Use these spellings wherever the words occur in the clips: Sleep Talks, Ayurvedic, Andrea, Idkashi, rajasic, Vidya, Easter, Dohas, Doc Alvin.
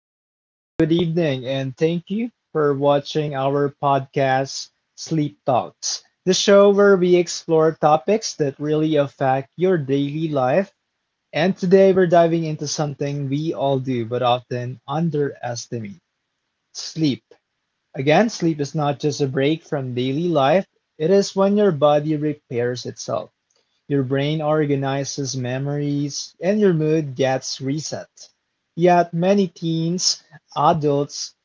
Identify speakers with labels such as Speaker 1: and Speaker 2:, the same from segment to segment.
Speaker 1: everybody. Good evening, and thank you for watching our podcast, Sleep Talks, the show where we explore topics that really affect your daily life. And today we're diving into something we all do but often underestimate sleep. Again, sleep is not just a break from daily life, it is when your body repairs itself. Your brain organizes memories and your mood gets reset. Yet many teens, adults,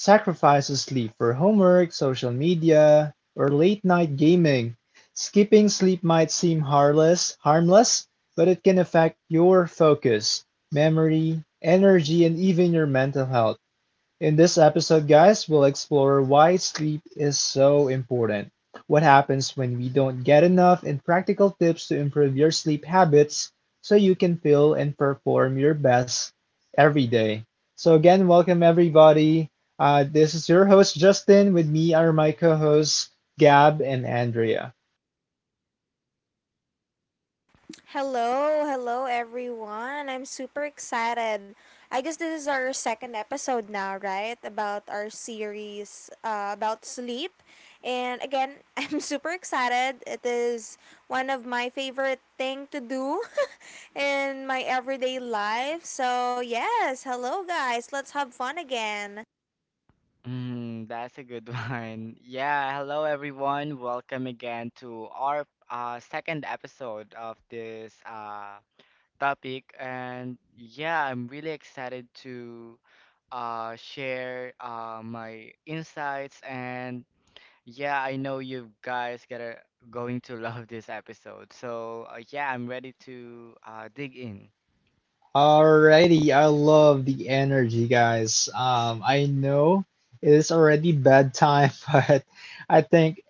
Speaker 1: sacrifice sleep for homework, social media, or late night gaming. Skipping sleep might seem harmless, but it can affect your focus, memory, energy, and even your mental health. In this episode, guys, we'll explore why sleep is so important, what happens when we don't get enough, and practical tips to improve your sleep habits so you can feel and perform your best every day. So, again, welcome everybody. This is your host, Justin. With me are my co hosts, Gab and Andrea.
Speaker 2: Hello, hello everyone. I'm super excited. I guess this is our second episode now, right? About our series about sleep. And again, I'm super excited. It is one of my favorite thing to do in my everyday life. So, yes, hello guys. Let's have fun again.
Speaker 3: Mm, that's a good one. Yeah, hello everyone. Welcome again to our second episode of this topic. And yeah, I'm really excited to share my insights. And yeah, I know you guys gotta going to love this episode. So yeah, I'm ready to dig in.
Speaker 1: Alrighty, I love the energy, guys. I know it is already bedtime, but I think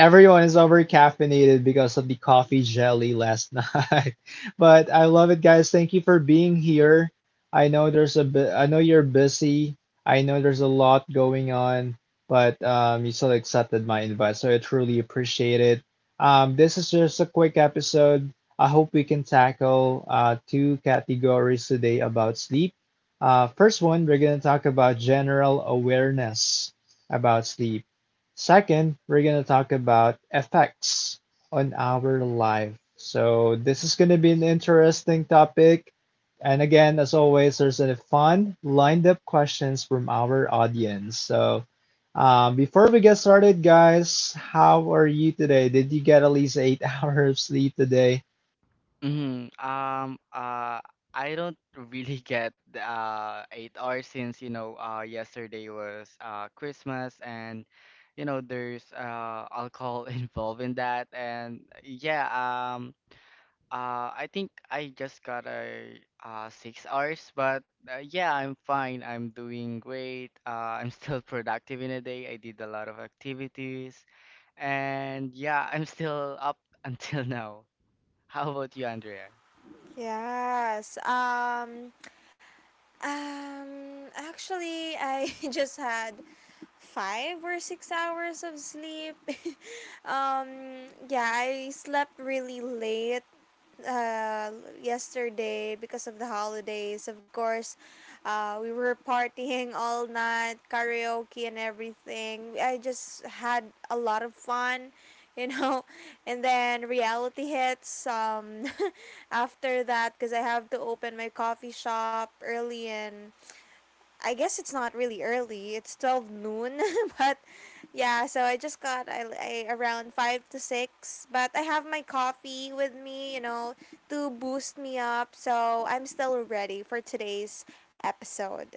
Speaker 1: everyone is over caffeinated because of the coffee jelly last night. But I love it, guys. Thank you for being here. I know there's a bit, I know you're busy. I know there's a lot going on, but you still accepted my invite, so I truly appreciate it. This is just a quick episode. I hope we can tackle two categories today about sleep. First one, we're going to talk about general awareness about sleep. Second, we're going to talk about effects on our life. So, this is going to be an interesting topic. And again, as always, there's a fun lined up questions from our audience. So, before we get started, guys, how are you today? Did you get at least eight hours of sleep today?
Speaker 3: Mhm. I don't really get the 8 hours, since you know yesterday was Christmas and you know there's alcohol involved in that. And yeah, I think I just got a 6 hours. But yeah, I'm fine, I'm doing great. I'm still productive in a day. I did a lot of activities and yeah, I'm still up until now. How about you, Andrea?
Speaker 2: Yes. Actually, I just had 5 or 6 hours of sleep. Yeah, I slept really late uh, yesterday because of the holidays. Of course, we were partying all night, karaoke and everything. I just had a lot of fun, you know. And then reality hits after that because I have to open my coffee shop early and I guess it's not really early. It's 12 noon, but yeah, so I just got I around 5 to 6, but I have my coffee with me, to boost me up. So, I'm still ready for today's episode.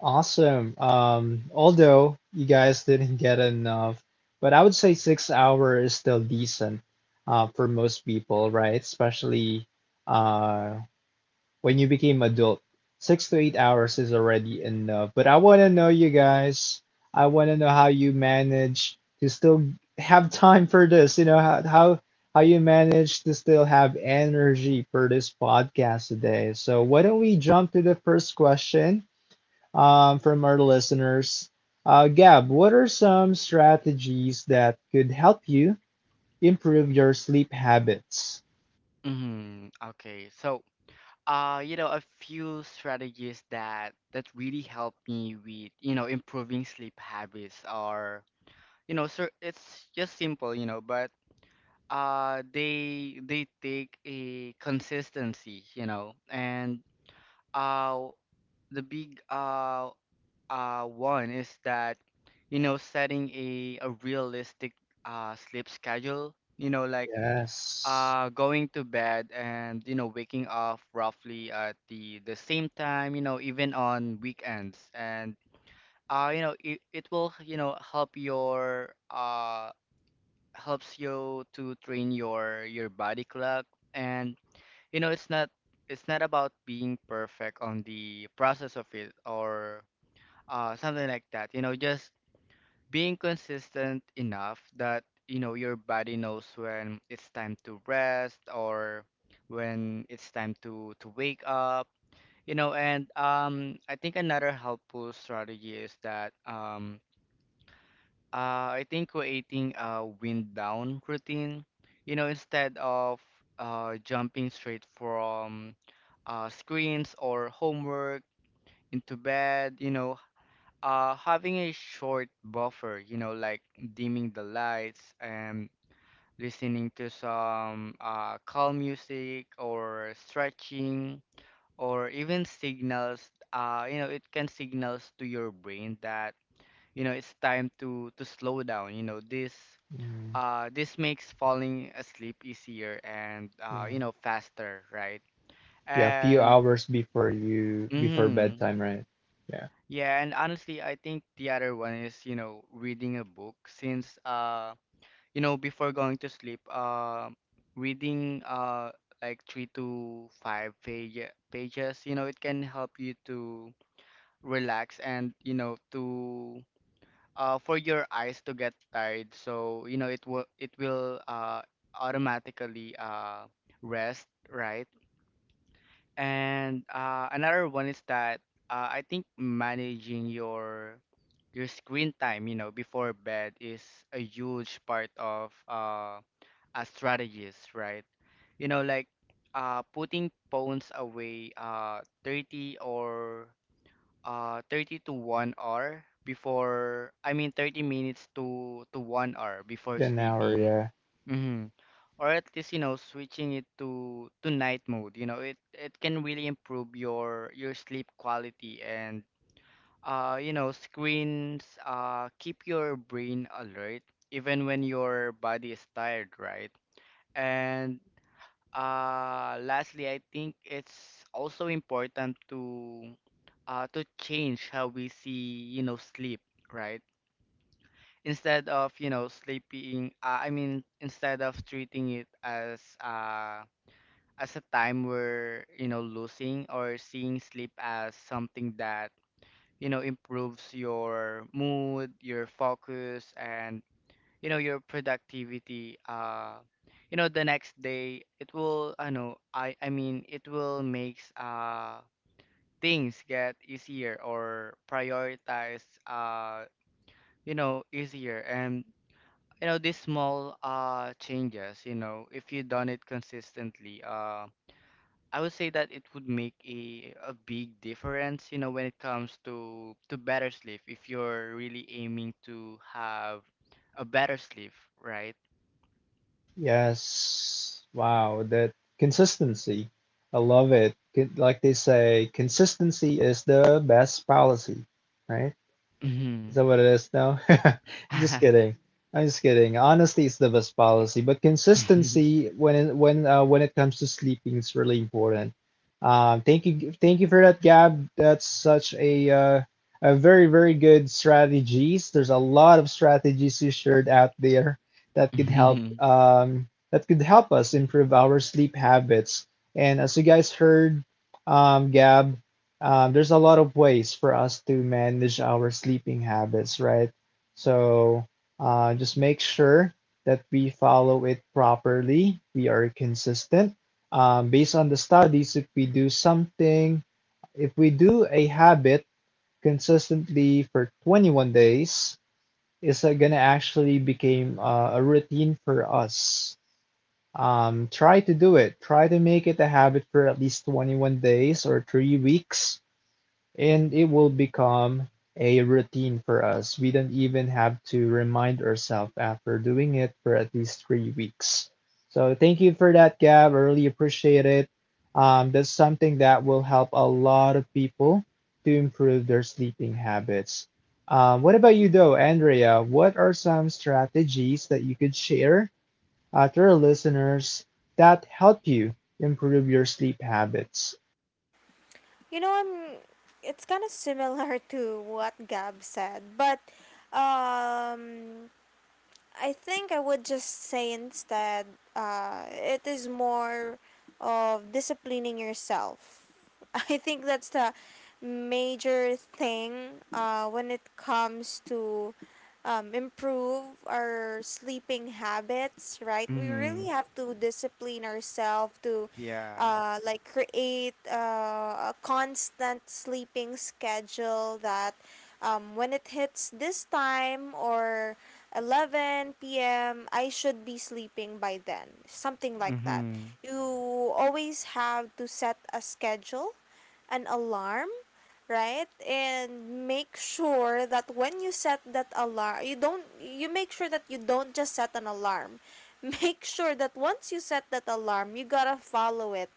Speaker 1: Awesome. Although you guys didn't get enough, but I would say 6 hour is still decent for most people, right? Especially uh, when you became adult. 6 to 8 hours is already enough. But I want to know you guys. I want to know how you manage to still have time for this. You know how you manage to still have energy for this podcast today. So why don't we jump to the first question? From our listeners. Gab, what are some strategies that could help you improve your sleep habits?
Speaker 3: Hmm. Okay. So, you know, a few strategies that really help me with, you know, improving sleep habits are, you know, so it's just simple, you know, but they take a consistency, you know. And uh, the big one is that, you know, setting a realistic sleep schedule, you know, like
Speaker 1: Yes.
Speaker 3: going to bed and you know waking up roughly at the same time, you know, even on weekends. And you know it will, you know, help your helps you to train your body clock. And you know it's not, it's not about being perfect on the process of it, or something like that. You know, just being consistent enough that, you know, your body knows when it's time to rest or when it's time to wake up, you know. And I think another helpful strategy is that, I think, creating a wind down routine, you know, instead of jumping straight from screens or homework into bed, you know, having a short buffer, you know, like dimming the lights and listening to some calm music or stretching, or even signals, you know, it can signals to your brain that, you know, it's time to slow down. You know, this
Speaker 1: Mm,
Speaker 3: this makes falling asleep easier and, you
Speaker 1: yeah.
Speaker 3: know, faster, right?
Speaker 1: Yeah, a few
Speaker 3: And
Speaker 1: hours before you before
Speaker 3: mhm,
Speaker 1: bedtime, right? Yeah.
Speaker 3: yeah. And honestly, I think the other one is, you know, reading a book, since you know, before going to sleep, reading like three to five pages, you know, it can help you to relax and, you know, to for your eyes to get tired. So, you know, it will automatically rest, right? And another one is that I think managing your screen time, you know, before bed is a huge part of a strategist, right? You know, like putting phones away 30 or 30 to 1 hour before. I mean, 30 minutes to 1 hour before
Speaker 1: An hour,
Speaker 3: sleeping.
Speaker 1: yeah.
Speaker 3: Mm-hmm. Or at least, you know, switching it to night mode, you know, it can really improve your sleep quality. And you know, screens keep your brain alert even when your body is tired, right? And, lastly, I think it's also important to to change how we see, you know, sleep, right? Instead of, you know, sleeping, I mean, instead of treating it as as a time we're, you know, losing, or seeing sleep as something that, you know, improves your mood, your focus, and you know your productivity. You know, the next day it will, I know, I mean, it will makes things get easier, or prioritize you know easier. And you know these small changes, you know, if you done it consistently, I would say that it would make a big difference, you know, when it comes to better sleep if you're really aiming to have a better sleep, right?
Speaker 1: Yes. Wow, that consistency. I love it. Like they say, consistency is the best policy, right? Is that what it is now? I'm just kidding. I'm just kidding. Honestly, it's the best policy, but consistency when it comes to sleeping is really important. Thank you for that, Gab. That's such a very very good strategies. There's a lot of strategies you shared out there that could help
Speaker 3: Mhm.
Speaker 1: us improve our sleep habits. And as you guys heard, Gab, there's a lot of ways for us to manage our sleeping habits, right? So just make sure that we follow it properly. We are consistent. Based on the studies, if we do a habit consistently for 21 days, it's gonna actually become a routine for us. Try to do it. Try to make it a habit for at least 21 days or 3 weeks and it will become a routine for us. We don't even have to remind ourselves after doing it for at least 3 weeks. So thank you for that, Gab. I really appreciate it. That's something that will help a lot of people to improve their sleeping habits. What about you, though, Andrea? What are some strategies that you could share to our listeners that help you improve your sleep habits?
Speaker 2: You know, I'm it's kind of similar to what Gab said, but um I think I would just say instead, it is more of disciplining yourself. I think that's the major thing when it comes to improve our sleeping habits, right? We really
Speaker 3: Mhm.
Speaker 2: have to discipline ourselves to
Speaker 3: Yeah.
Speaker 2: like create a constant sleeping schedule that, when it hits this time or 11 p.m., I should be sleeping by then. Something like that.
Speaker 3: Mhm.
Speaker 2: You always have to set a schedule, an alarm, right? And make sure that when you set that alarm, you don't, you make sure that you don't just set an alarm. Make sure that once you set that alarm, you got to follow it.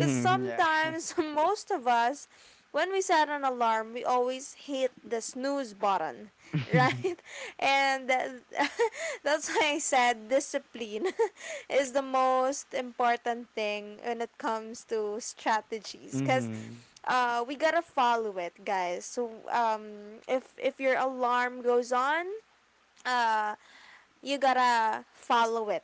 Speaker 2: Cuz
Speaker 3: Yeah.
Speaker 2: sometimes, most of us, when we set an alarm, we always hit the snooze button, right? And that's why I said discipline is the most important thing when it comes to strategies. Because
Speaker 3: Mhm.
Speaker 2: we gotta follow it, guys. So if your alarm goes on, uh you gotta follow it.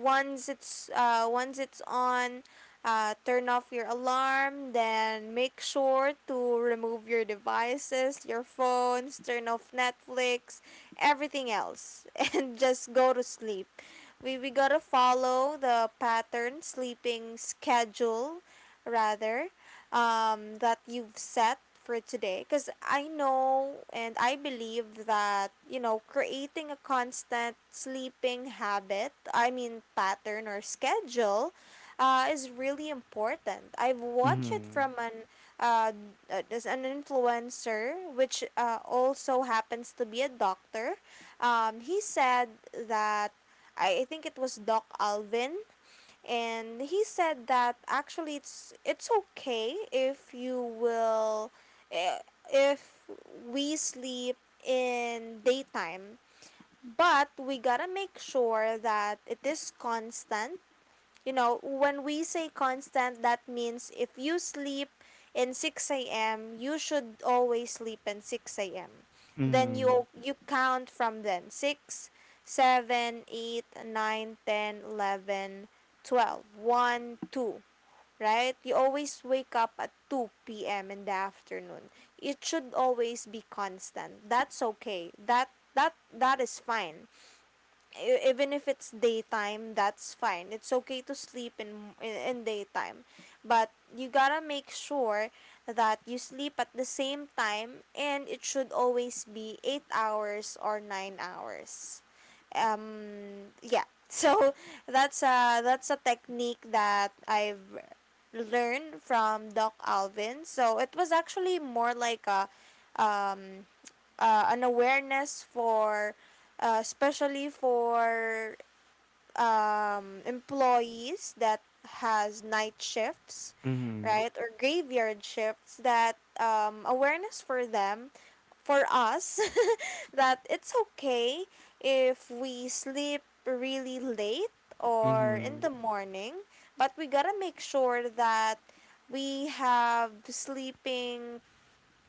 Speaker 2: Once it's on turn off your alarm, then make sure to remove your devices, your phones, turn off Netflix, everything else, and just go to sleep. We gotta follow the pattern sleeping schedule, rather that you've set for today. Because I know and I believe that, you know, creating a constant sleeping habit, I mean, pattern or schedule, is really important. I've watched it
Speaker 3: Mhm.
Speaker 2: from an, uh, there's an influencer, which, also happens to be a doctor. He said that I think it was Doc Alvin, and he said that actually it's, okay if eh, if we sleep in daytime, but we gotta make sure that it is constant. You know, when we say constant, that means if you sleep in 6 a.m., you should always sleep in 6 a.m. Then
Speaker 3: Mhm.
Speaker 2: you count from then six, seven, eight, nine, ten, 11, 12, one, 2, right? You always wake up at 2 p.m. in the afternoon. It should always be constant. That's okay. That is fine. Even if it's daytime, that's fine. It's okay to sleep in daytime, but you gotta make sure that you sleep at the same time, and it should always be 8 hours or nine hours. yeah. So that's a technique that I've learned from Doc Alvin. So it was actually more like a um an awareness for, especially for, employees that has night shifts,
Speaker 3: Mhm.
Speaker 2: right? Or graveyard shifts that awareness for them, for us. That it's okay if we sleep really late or in
Speaker 3: Mhm.
Speaker 2: the morning, but we gotta make sure that we have sleeping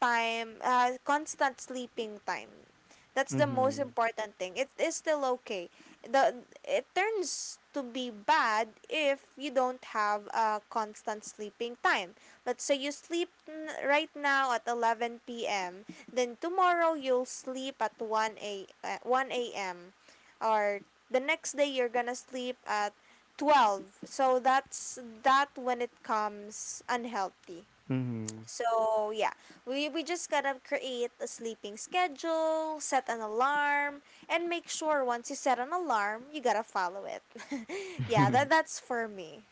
Speaker 2: time, constant sleeping time. That's the most
Speaker 3: Mhm.
Speaker 2: important thing. It is still okay. The it turns to be bad if you don't have a constant sleeping time. Let's say you sleep right now at 11 p.m. Then tomorrow you'll sleep at 1 a.m., or the next day you're gonna sleep at 12. So that's that when it comes unhealthy.
Speaker 3: Mhm.
Speaker 2: So yeah, we just gotta create a sleeping schedule, set an alarm, and make sure once you set an alarm, you gotta follow it. Yeah, that
Speaker 3: Mhm.
Speaker 2: that's for me.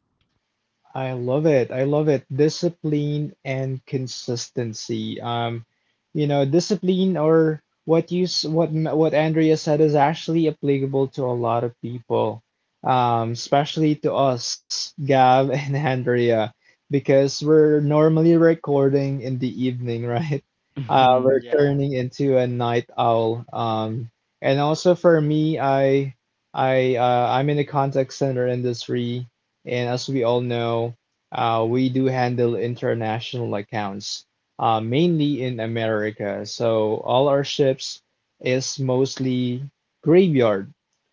Speaker 1: I love it. I love it. Discipline and consistency. You know, discipline or what you s- what M- what Andrea said is actually applicable to a lot of people, especially to us, Gav and Andrea, because we're normally recording in the evening, right?
Speaker 3: Mhm.
Speaker 1: We're
Speaker 3: Yeah.
Speaker 1: turning into a night owl. And also for me, I'm in the contact center industry and as we all know, we do handle international accounts, mainly in America. So all our ships is mostly graveyard.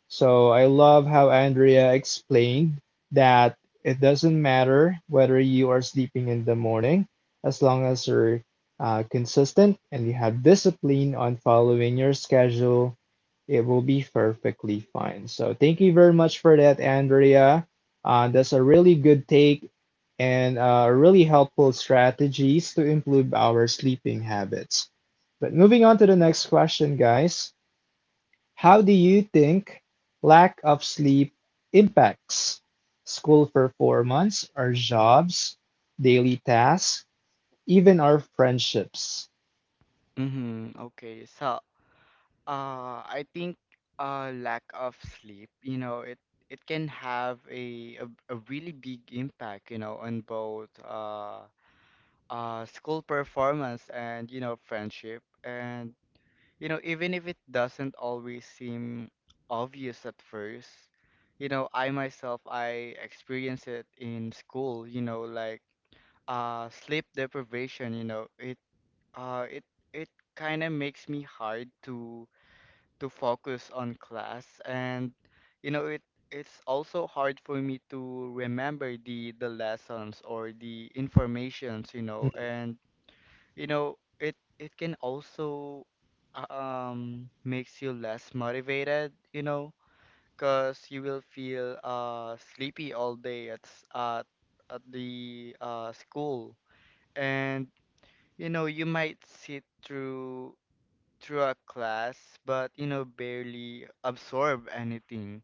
Speaker 1: So I love how Andrea explained that it doesn't matter whether you are sleeping in the morning, as long as you're consistent and you have discipline on following your schedule, it will be perfectly fine. So thank you very much for that, Andrea. That's a really good take and really helpful strategies to improve our sleeping habits. But moving on to the next question, guys. How do you think lack of sleep impacts school performance, our jobs, daily tasks, even our friendships?
Speaker 3: Mhm. Okay. So, I think lack of sleep, you know, it can have a really big impact, you know, on both school performance and, you know, friendship, and you know even if it doesn't always seem obvious at first. You know, I myself, I experience it in school, you know, like sleep deprivation, you know, it uh it it kind of makes me hard to focus on class. And you know it, it's also hard for me to remember the lessons or the informations, you know.
Speaker 1: Hmm.
Speaker 3: And you know, it can also makes you less motivated, you know, 'cause you will feel sleepy all day at the school. And you know, you might sit through a class but, you know, barely absorb anything,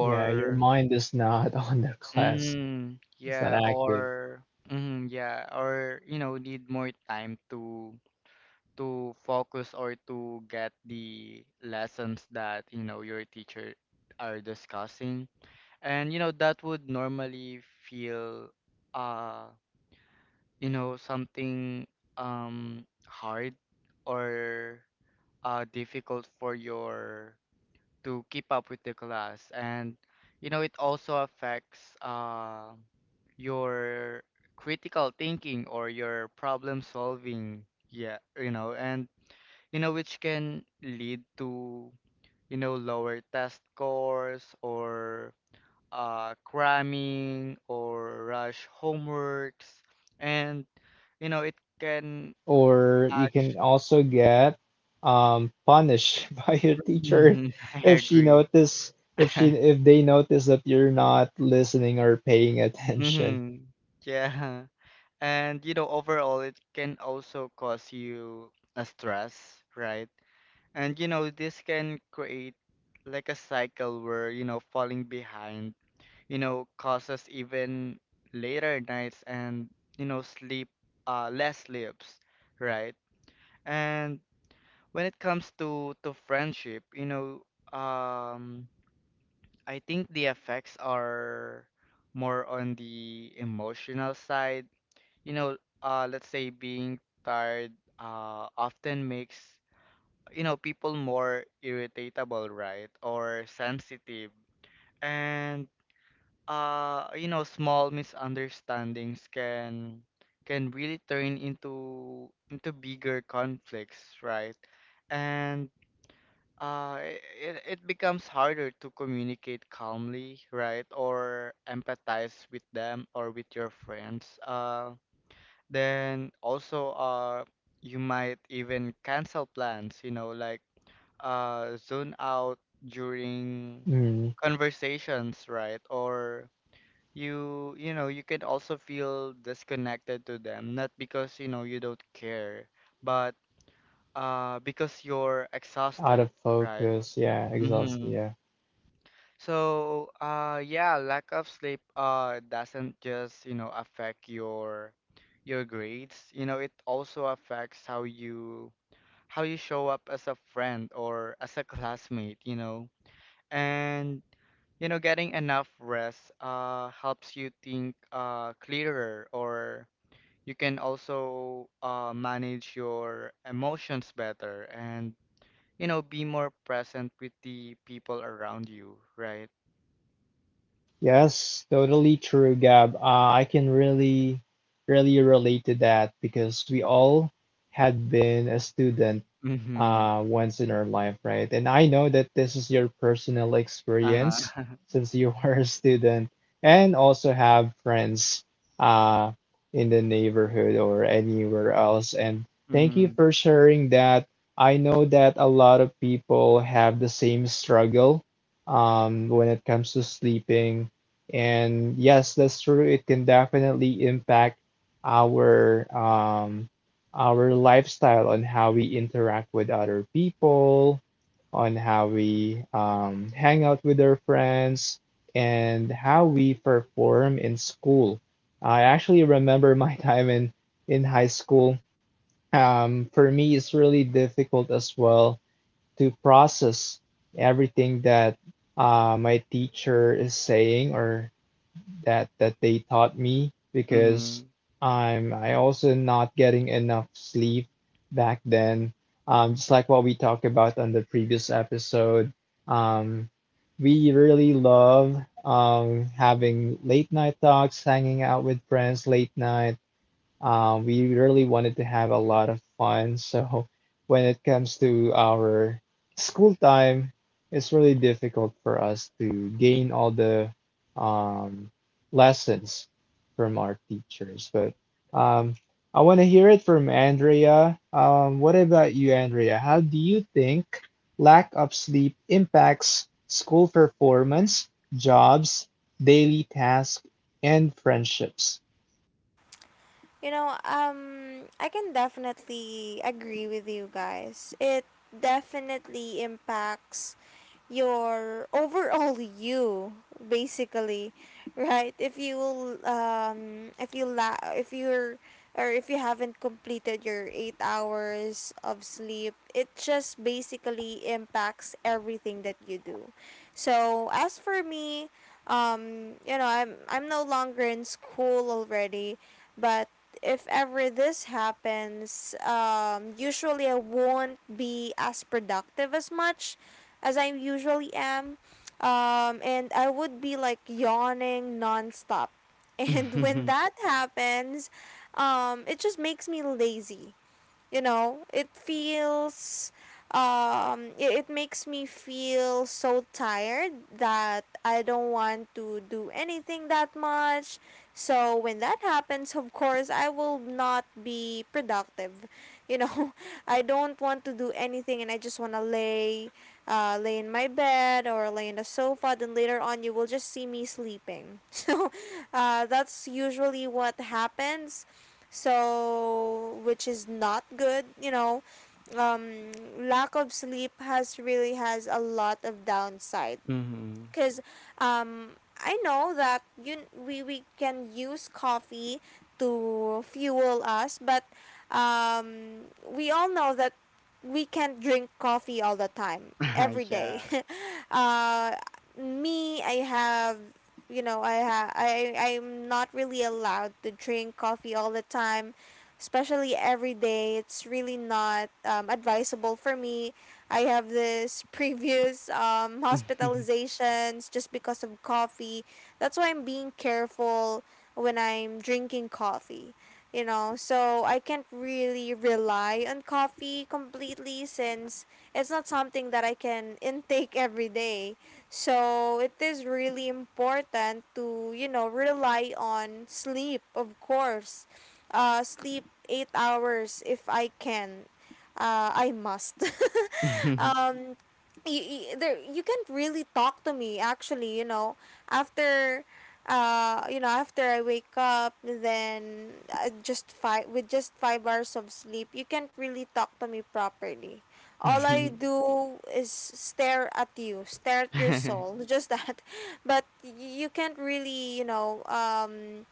Speaker 1: Yeah, your mind is not on the class. It's not
Speaker 3: yeah,
Speaker 1: active.
Speaker 3: or yeah, or you know need more time to focus or to get the lessons that, you know, your teacher are discussing. And you know that would normally feel uh you know something hard or difficult for your to keep up with the class. And you know it also affects your critical thinking or your problem solving, yeah, you know. And, you know, which can lead to, you know, lower test scores or cramming or rush homeworks. And, you know, it can
Speaker 1: Or you
Speaker 3: actually,
Speaker 1: can also get punished by your teacher
Speaker 3: I
Speaker 1: if she
Speaker 3: agree.
Speaker 1: notice if she if they notice that you're not listening or paying attention.
Speaker 3: Hmm. Yeah. And, you know, overall, it can also cause you a stress, right? And, you know, this can create like a cycle where, you know, falling behind, you know, causes even later nights and, you know, sleep, less sleeps, right? And when it comes to friendship, you know, um, I think the effects are more on the emotional side. You know, let's say being tired, often makes, you know, people more irritable, right, or sensitive. And you know small misunderstandings can really turn into bigger conflicts, right. And it, it becomes harder to communicate calmly, right, or empathize with them or with your friends. Then also, you might even cancel plans, you know, like zone out during
Speaker 1: Mm,
Speaker 3: conversations, right, or you know, you could also feel disconnected to them, not because, you know, you don't care, but because you're
Speaker 1: out
Speaker 3: exhausted,
Speaker 1: of
Speaker 3: right.
Speaker 1: focus, yeah, exhausted,
Speaker 3: Mm-hmm.
Speaker 1: yeah.
Speaker 3: So yeah, lack of sleep doesn't just, you know, affect your grades. You know it also affects how you show up as a friend or as a classmate, you know. And you know getting enough rest helps you think clearer, or you can also manage your emotions better and, you know, be more present with the people around you, right.
Speaker 1: Yes, totally true, Gab. I can really relate to that because we all had been a student
Speaker 3: Mm-hmm.
Speaker 1: once in our life, right? And I know that this is your personal
Speaker 3: Uh-huh.
Speaker 1: experience since you are a student and also have friends uh, in the neighborhood or anywhere else. And thank you
Speaker 3: Mm-hmm.
Speaker 1: for sharing that. I know that a lot of people have the same struggle when it comes to sleeping. And yes, that's true. It can definitely impact our um, our lifestyle on how we interact with other people, on how we hang out with our friends, and how we perform in school. I actually remember my time in high school. For me, it's really difficult as well to process everything that my teacher is saying or that they taught me because
Speaker 3: Mm-hmm.
Speaker 1: I also not getting enough sleep back then. Just like what we talked about on the previous episode, um, we really love having late night talks, hanging out with friends late night we really wanted to have a lot of fun. So when it comes to our school time, it's really difficult for us to gain all the um, lessons from our teachers. But um, I want to hear it from Andrea. What about you, Andrea? How do you think lack of sleep impacts school performance, jobs, daily tasks, and friendships?
Speaker 2: You know, I can definitely agree with you guys. It definitely impacts your overall you, basically, right? If you, if you if you're or if you haven't completed your 8 hours of sleep, it just basically impacts everything that you do. So as for me, you know, I'm no longer in school already. But if ever this happens, usually I won't be as productive as much as I usually am. And I would be like yawning nonstop. And when
Speaker 3: Mm-hmm.
Speaker 2: that happens, it just makes me lazy. You know, it feels, it, makes me feel so tired that I don't want to do anything that much. So when that happens, of course, I will not be productive you know I don't want to do anything, and I just want to lay in my bed or lay in the sofa. Then later on you will just see me sleeping. So, that's usually what happens. So which is not good. Um Lack of sleep has really has a lot of downside.
Speaker 3: Mm-hmm.
Speaker 2: Because, I know that, you we, can use coffee to fuel us. But, we all know that we can't drink coffee all the time, every day.
Speaker 3: Yeah.
Speaker 2: uh, me, I have you know I ha- I I'm not really allowed to drink coffee all the time, especially every day. It's really not, advisable for me. I have this previous, hospitalizations just because of coffee. That's why I'm being careful when I'm drinking coffee. You know, so I can't really rely on coffee completely since it's not something that I can intake every day. So it is really important to, you know, rely on sleep, of course. Sleep 8 hours if I can. I must.
Speaker 3: Mm-hmm.
Speaker 2: um you, you can't really talk to me actually. You know, after, you know, after I wake up, then, just five, with just 5 hours of sleep, you can't really talk to me properly. All I do is stare at you, stare at your soul, just that. But you can't really,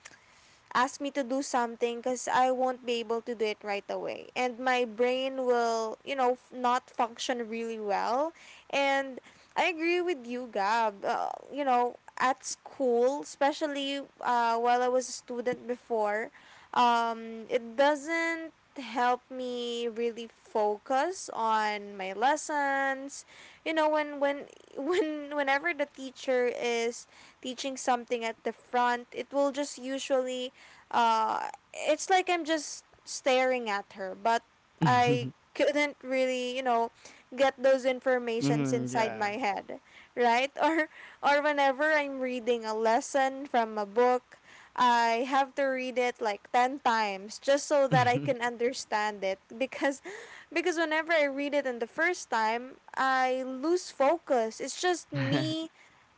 Speaker 2: ask me to do something because I won't be able to do it right away. And my brain will, you know, not function really well. And I agree with you, Gab. You know, at school, especially, while I was a student before, it doesn't help me really focus on my lessons. You know, when, whenever the teacher is teaching something at the front, it will just usually, uh, it's like I'm just staring at her, but I couldn't really, you know, get those informations
Speaker 3: Mm-hmm.
Speaker 2: inside
Speaker 3: Yeah.
Speaker 2: my head, right? Or whenever I'm reading a lesson from a book, I have to read it like 10 times just so that I can understand it, because, whenever I read it in the first time, I lose focus. It's just me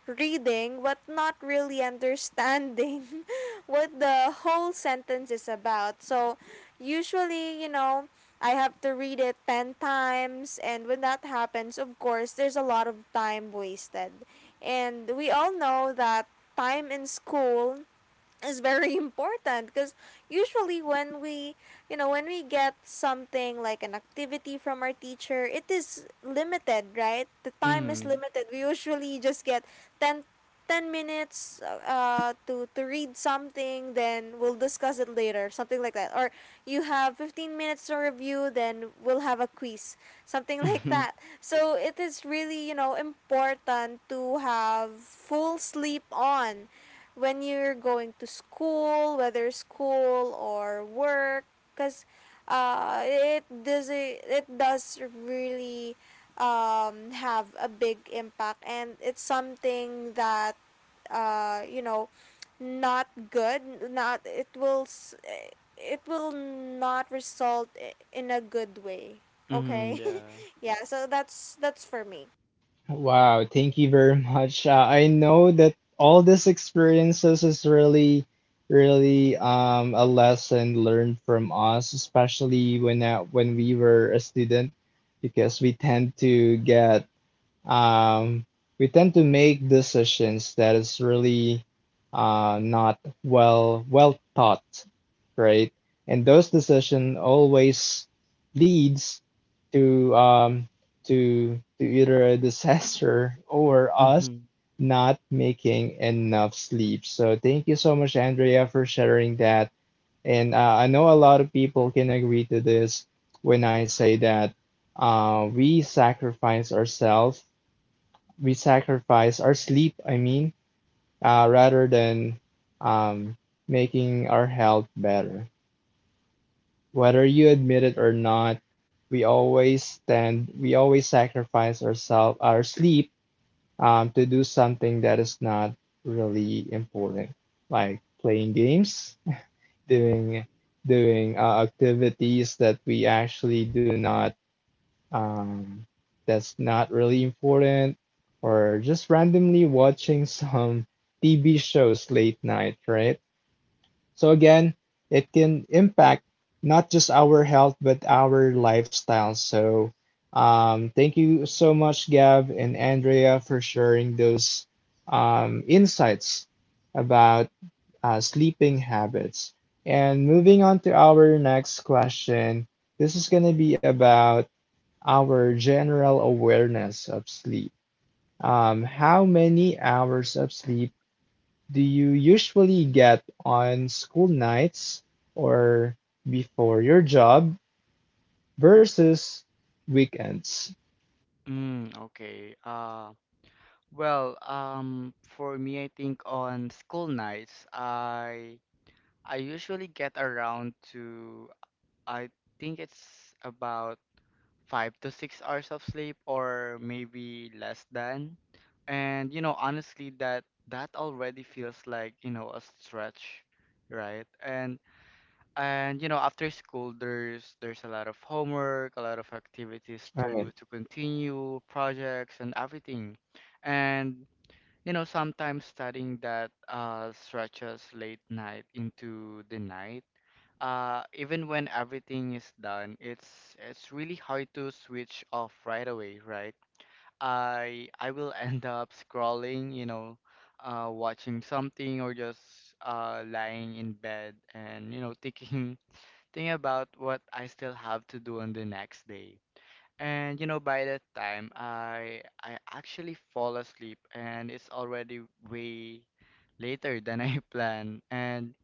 Speaker 2: reading but not really understanding what the whole sentence is about. So usually, you know, I have to read it 10 times, and when that happens, of course, there's a lot of time wasted. And we all know that time in school is very important, because usually when we, get something like an activity from our teacher, it is limited, right? The time is
Speaker 3: Mm-hmm.
Speaker 2: limited. We usually just get ten minutes, to read something, then we'll discuss it later, something like that. Or you have 15 minutes to review, then we'll have a quiz, something like
Speaker 3: Mm-hmm.
Speaker 2: that. So it is really, important to have full sleep on when you're going to school, whether school or work, because, it does, really, have a big impact, and it's something that, uh, you know not good. Not, it will it will not result in a good way. Okay,
Speaker 3: Yeah.
Speaker 2: yeah. So that's for me.
Speaker 1: Wow, thank you very much. I know that all these experiences is really a lesson learned from us, especially when we were a student, because we tend to get um, we tend to make decisions that is really not well thought, right? And those decision always leads to either a disaster or us
Speaker 3: Mm-hmm.
Speaker 1: not making enough sleep. So thank you so much, Andrea, for sharing that. And I know a lot of people can agree to this when I say that uh, we sacrifice ourselves we sacrifice our sleep, I mean, rather than um, making our health better. Whether you admit it or not, we always sacrifice ourselves, our sleep, to do something that is not really important, like playing games, doing doing activities that we actually do not um, that's not really important, or just randomly watching some TV shows late night, right? So again, it can impact not just our health, but our lifestyle. So thank you so much, Gav and Andrea, for sharing those insights about sleeping habits. And moving on to our next question, this is going to be about our general awareness of sleep. How many hours of sleep do you usually get on school nights or before your job versus weekends?
Speaker 3: mm, okay uh Well, for me, I think on school nights, I usually get around to, I think it's about 5 to 6 hours of sleep, or maybe less than. And you know, honestly, that that already feels like, you know, a stretch, right? And you know, after school, there's a lot of homework, a lot of activities
Speaker 1: All
Speaker 3: to
Speaker 1: right.
Speaker 3: continue, projects and everything. And you know, sometimes studying that stretches late night into the night. Even when everything is done, it's really hard to switch off right away, right? I will end up scrolling, you know, watching something, or just lying in bed and you know thinking thinking about what I still have to do on the next day. And you know, by that time, I actually fall asleep, and it's already way later than I planned. And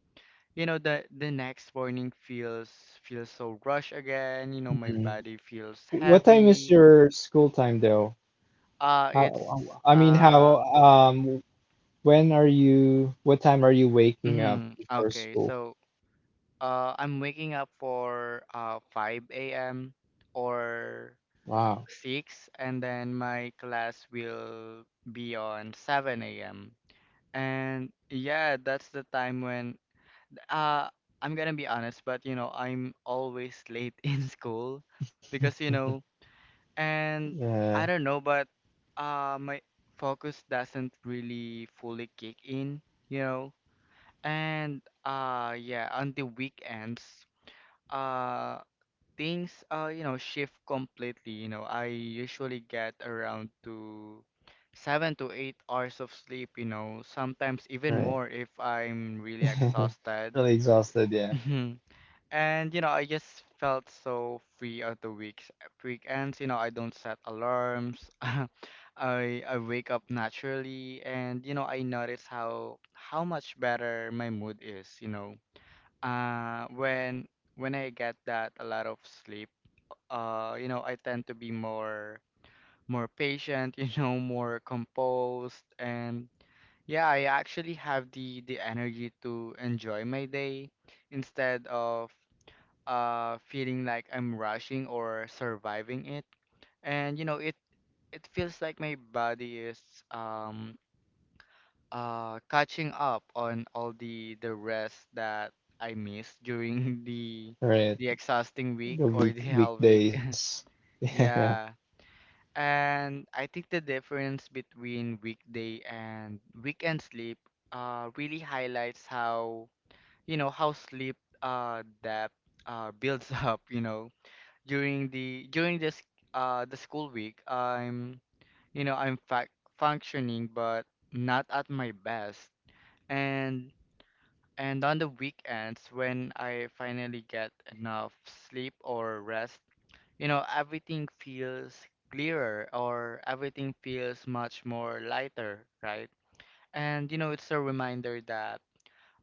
Speaker 3: you know, the next morning feels feels so rushed again. You know, my
Speaker 1: Mhm.
Speaker 3: body feels
Speaker 1: What time is
Speaker 3: heavy.
Speaker 1: your school time though?
Speaker 3: Uh, it's
Speaker 1: How, I mean,
Speaker 3: uh,
Speaker 1: how, when are you, What time are you waking up before
Speaker 3: okay.
Speaker 1: school?
Speaker 3: So, I'm waking up for 5 a.m. or
Speaker 1: Wow.
Speaker 3: 6, and then my class will be on 7 a.m. And yeah, that's the time when uh I'm gonna be honest, but, you know, I'm always late in school because, you know, and
Speaker 1: Yeah.
Speaker 3: I don't know, but my focus doesn't really fully kick in, you know. And yeah, on the weekends, uh things you know shift completely. You know, I usually get around to 7 to 8 hours of sleep, you know, sometimes even
Speaker 1: Right.
Speaker 3: more if I'm really exhausted.
Speaker 1: Really exhausted. Yeah.
Speaker 3: Mhm. And you know I just felt so free at the weeks weekends, you know, I don't set alarms. I I wake up naturally and you know I notice how much better my mood is, you know, uh when when I get that a lot of sleep. You know, I tend to be more more patient, you know, more composed, and yeah, I actually have the energy to enjoy my day instead of feeling like I'm rushing or surviving it. And you know, it feels like my body is um catching up on all the rest that I missed during
Speaker 1: Right.
Speaker 3: the exhausting week
Speaker 1: The
Speaker 3: or the
Speaker 1: week
Speaker 3: hell week.
Speaker 1: weekdays.
Speaker 3: Yeah. And I think the difference between weekday and weekend sleep really highlights how, you know, how sleep depth builds up, you know, during the during this the school week, I'm, you know, I'm fac functioning but not at my best. And and on the weekends when I finally get enough sleep or rest, you know, everything feels clearer, or everything feels much more lighter, right? And you know, it's a reminder that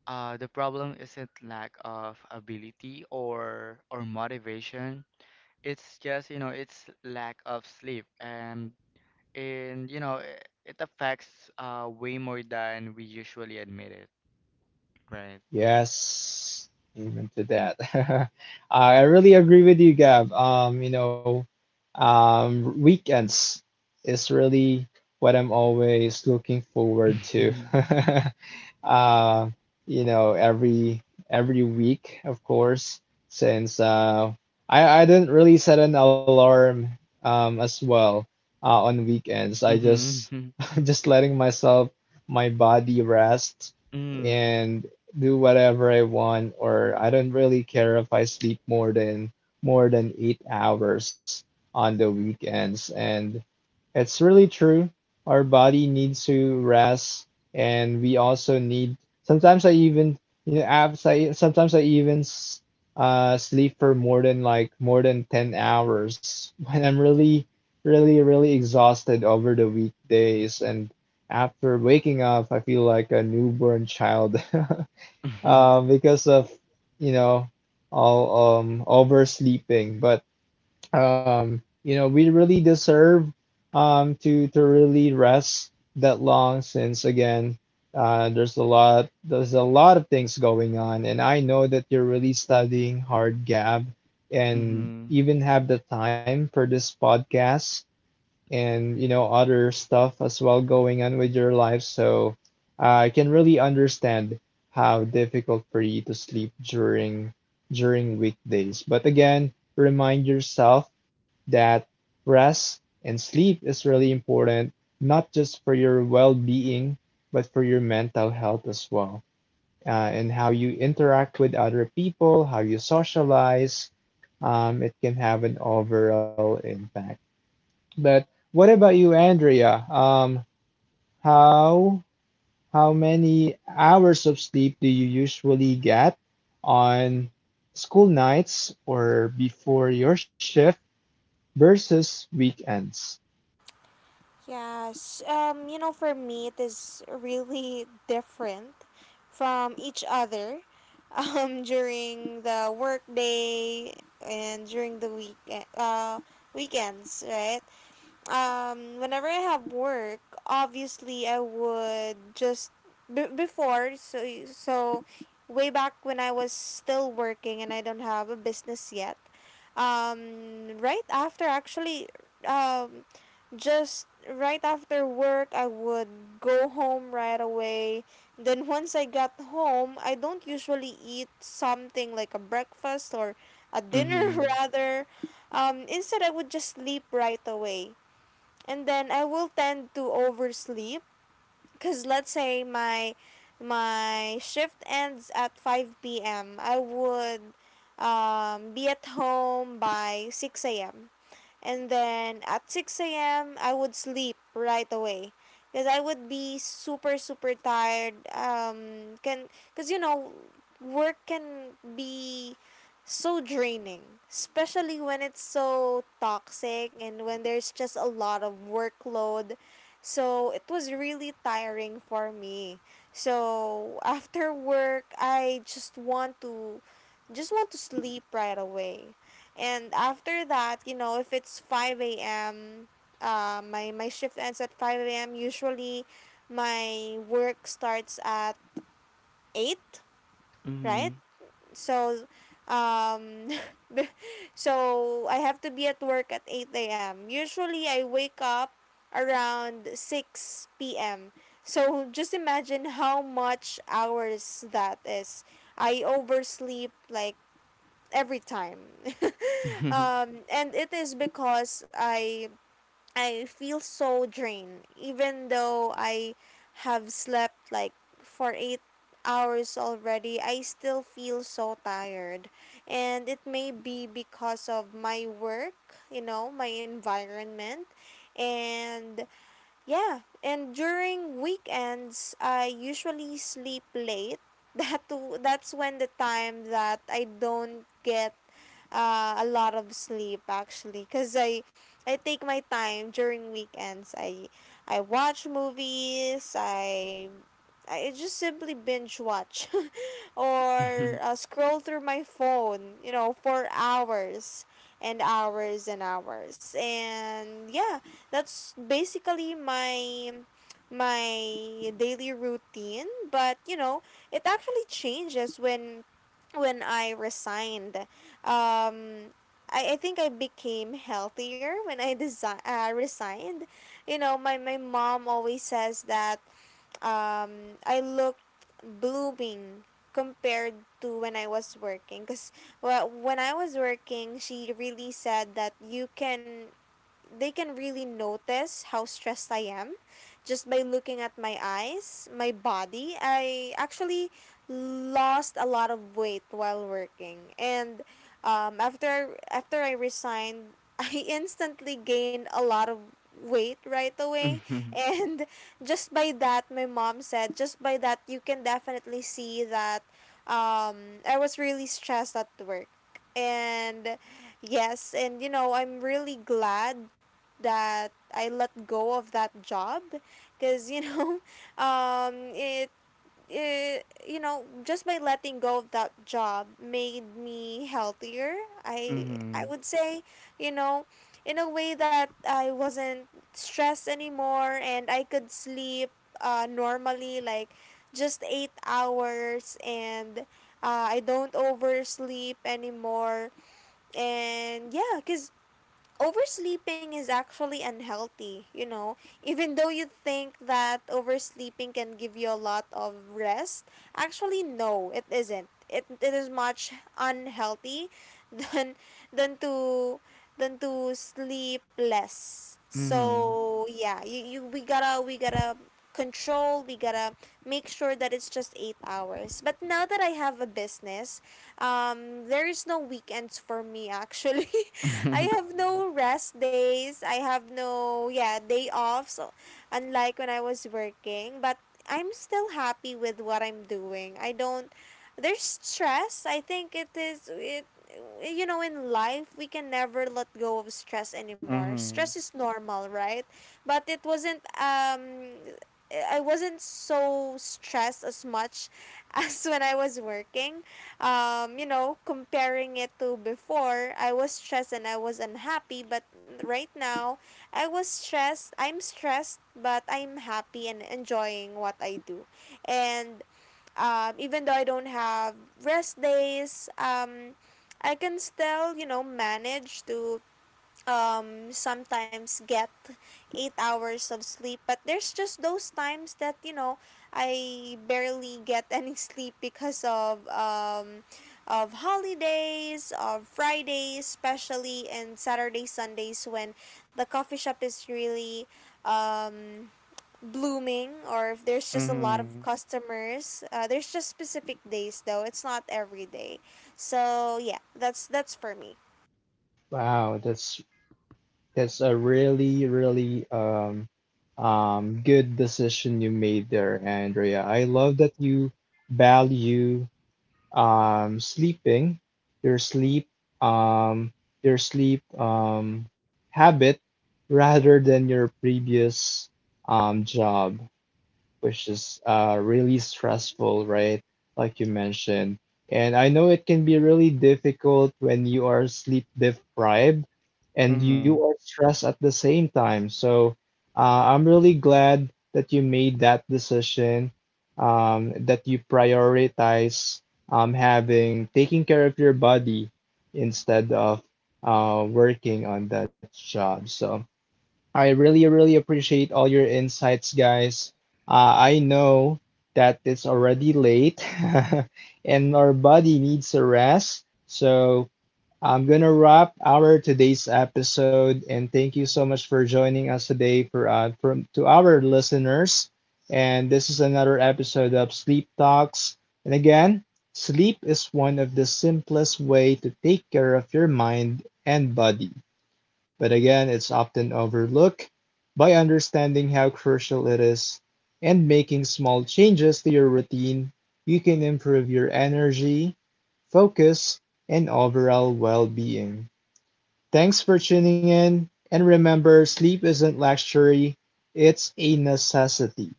Speaker 3: the problem isn't lack of ability or motivation. It's just, you know, it's lack of sleep, and you know, it affects way more than we usually admit it, right?
Speaker 1: Yes, amen to that. I really agree with you, Gab. Weekends is really what I'm always looking forward to. Uh, you know, every week, of course, since I didn't really set an alarm as well on weekends. I just
Speaker 3: Mm-hmm.
Speaker 1: just letting myself my body rest
Speaker 3: Mm-hmm.
Speaker 1: and do whatever I want, or I don't really care if I sleep more than 8 hours on the weekends. And it's really true. Our body needs to rest, and we also need. Sometimes I even you know abs- I sometimes I even s- sleep for more than more than 10 hours when I'm really exhausted over the weekdays, and after waking up, I feel like a newborn child. Uh, because of you know all oversleeping. But you know, we really deserve to really rest that long since again there's a lot of things going on, and I know that you're really studying hard, Gab, and
Speaker 3: Mm-hmm.
Speaker 1: even have the time for this podcast and you know other stuff as well going on with your life. So I can really understand how difficult for you to sleep during weekdays. But again, remind yourself that rest and sleep is really important, not just for your well-being, but for your mental health as well. And how you interact with other people, how you socialize, it can have an overall impact. But what about you, Andrea? How how many hours of sleep do you usually get on school nights or before your shift versus weekends?
Speaker 2: Yes, you know, for me, it is really different from each other. During the workday and during the week, uh, weekends, right? Whenever I have work, obviously I would just b- before so so way back when I was still working and I don't have a business yet. Right after actually, um just right after work, I would go home right away. Then once I got home, I don't usually eat something like a breakfast or a dinner.
Speaker 3: Mm-hmm.
Speaker 2: Rather. Instead I would just sleep right away, and then I will tend to oversleep because let's say my shift ends at 5 p.m. I would be at home by 6 a.m, and then at 6 a.m. I would sleep right away because I would be super tired. Can cuz you know Work can be so draining, especially when it's so toxic and when there's just a lot of workload, so it was really tiring for me. So after work I just want to sleep right away. And after that, you know, if it's 5 a.m., my shift ends at 5 a.m. Usually, my work starts at 8, right? So, um, so I have to be at work at 8 a.m. Usually, I wake up around 6 p.m. So, just imagine how much hours that is. I oversleep like every time.
Speaker 3: Mm-hmm.
Speaker 2: And it is because I feel so drained. Even though I have slept like for 8 hours already, I still feel so tired, and it may be because of my work, you know, my environment. And yeah, and during weekends I usually sleep late. That too, that's when the time that I don't get a lot of sleep, actually, because I take my time during weekends. I watch movies. I just simply binge watch, or scroll through my phone, you know, for hours and hours and hours. And yeah, that's basically my my daily routine. But you know, it actually changes when I resigned. um I think I became healthier when I resigned. You know, my mom always says that I looked blooming compared to when I was working. Because well, when I was working, she really said that you can they can really notice how stressed I am just by looking at my eyes, my body. I actually lost a lot of weight while working, and after I resigned, I instantly gained a lot of weight right away.
Speaker 3: Mhm,
Speaker 2: And just by that, my mom said, just by that you can definitely see that I was really stressed at work. And yes, and you know, I'm really glad that I let go of that job because, you know, um it, it, you know, just by letting go of that job made me healthier, I I
Speaker 3: mhm,
Speaker 2: would say, you know, in a way that I wasn't stressed anymore, and I could sleep normally, like just 8 hours. And I don't oversleep anymore. And yeah, cuz oversleeping is actually unhealthy, you know. Even though you think that oversleeping can give you a lot of rest, actually no, it isn't. It is much unhealthy than than to than to sleep less.
Speaker 3: mhm,
Speaker 2: So yeah, you, we gotta control, we gotta make sure that it's just 8 hours. But now that I have a business, there is no weekends for me, actually. I
Speaker 3: mhm,
Speaker 2: have no rest days, I have no, yeah, day off. So unlike when I was working, but I'm still happy with what I'm doing. I don't, there's stress. I think it is it You know, in life we can never let go of stress anymore. Stress
Speaker 3: mhm,
Speaker 2: is normal, right? But it wasn't, I wasn't so stressed as much as when I was working. You know, comparing it to before, I was stressed and I was unhappy, but right now, I'm stressed, but I'm happy and enjoying what I do. And even though I don't have rest days, I can still, you know, manage to sometimes get 8 hours of sleep. But there's just those times that, you know, I barely get any sleep because of holidays, of Fridays especially, and Saturday Sundays when the coffee shop is really um blooming, or if there's just a lot
Speaker 3: mhm,
Speaker 2: of customers. There's just specific days though, it's not every day. So yeah, that's for me.
Speaker 1: Wow, that's a really good decision you made there, Andrea. I love that you value um, sleeping, your sleep, um, your sleep habit, rather than your previous job, which is really stressful, right? Like you mentioned. And I know it can be really difficult when you are sleep deprived and you
Speaker 3: mhm,
Speaker 1: are stressed at the same time. So I'm really glad that you made that decision, that you prioritize having taking care of your body instead of working on that job. So I really, really appreciate all your insights, guys. I know that it's already late and our body needs a rest. So I'm going to wrap our today's episode and thank you so much for joining us today for from to our listeners. And this is another episode of Sleep Talks. And again, sleep is one of the simplest way to take care of your mind and body. But again, it's often overlooked. By understanding how crucial it is and making small changes to your routine, you can improve your energy, focus, and overall well being. Thanks for tuning in. And remember, sleep isn't luxury, it's a necessity.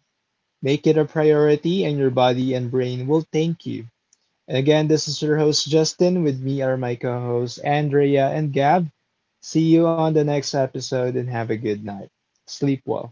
Speaker 1: Make it a priority, and your body and brain will thank you. And again, this is your host, Justin. With me are my co hosts, Andrea and Gab. See you on the next episode and have a good night. Sleep well.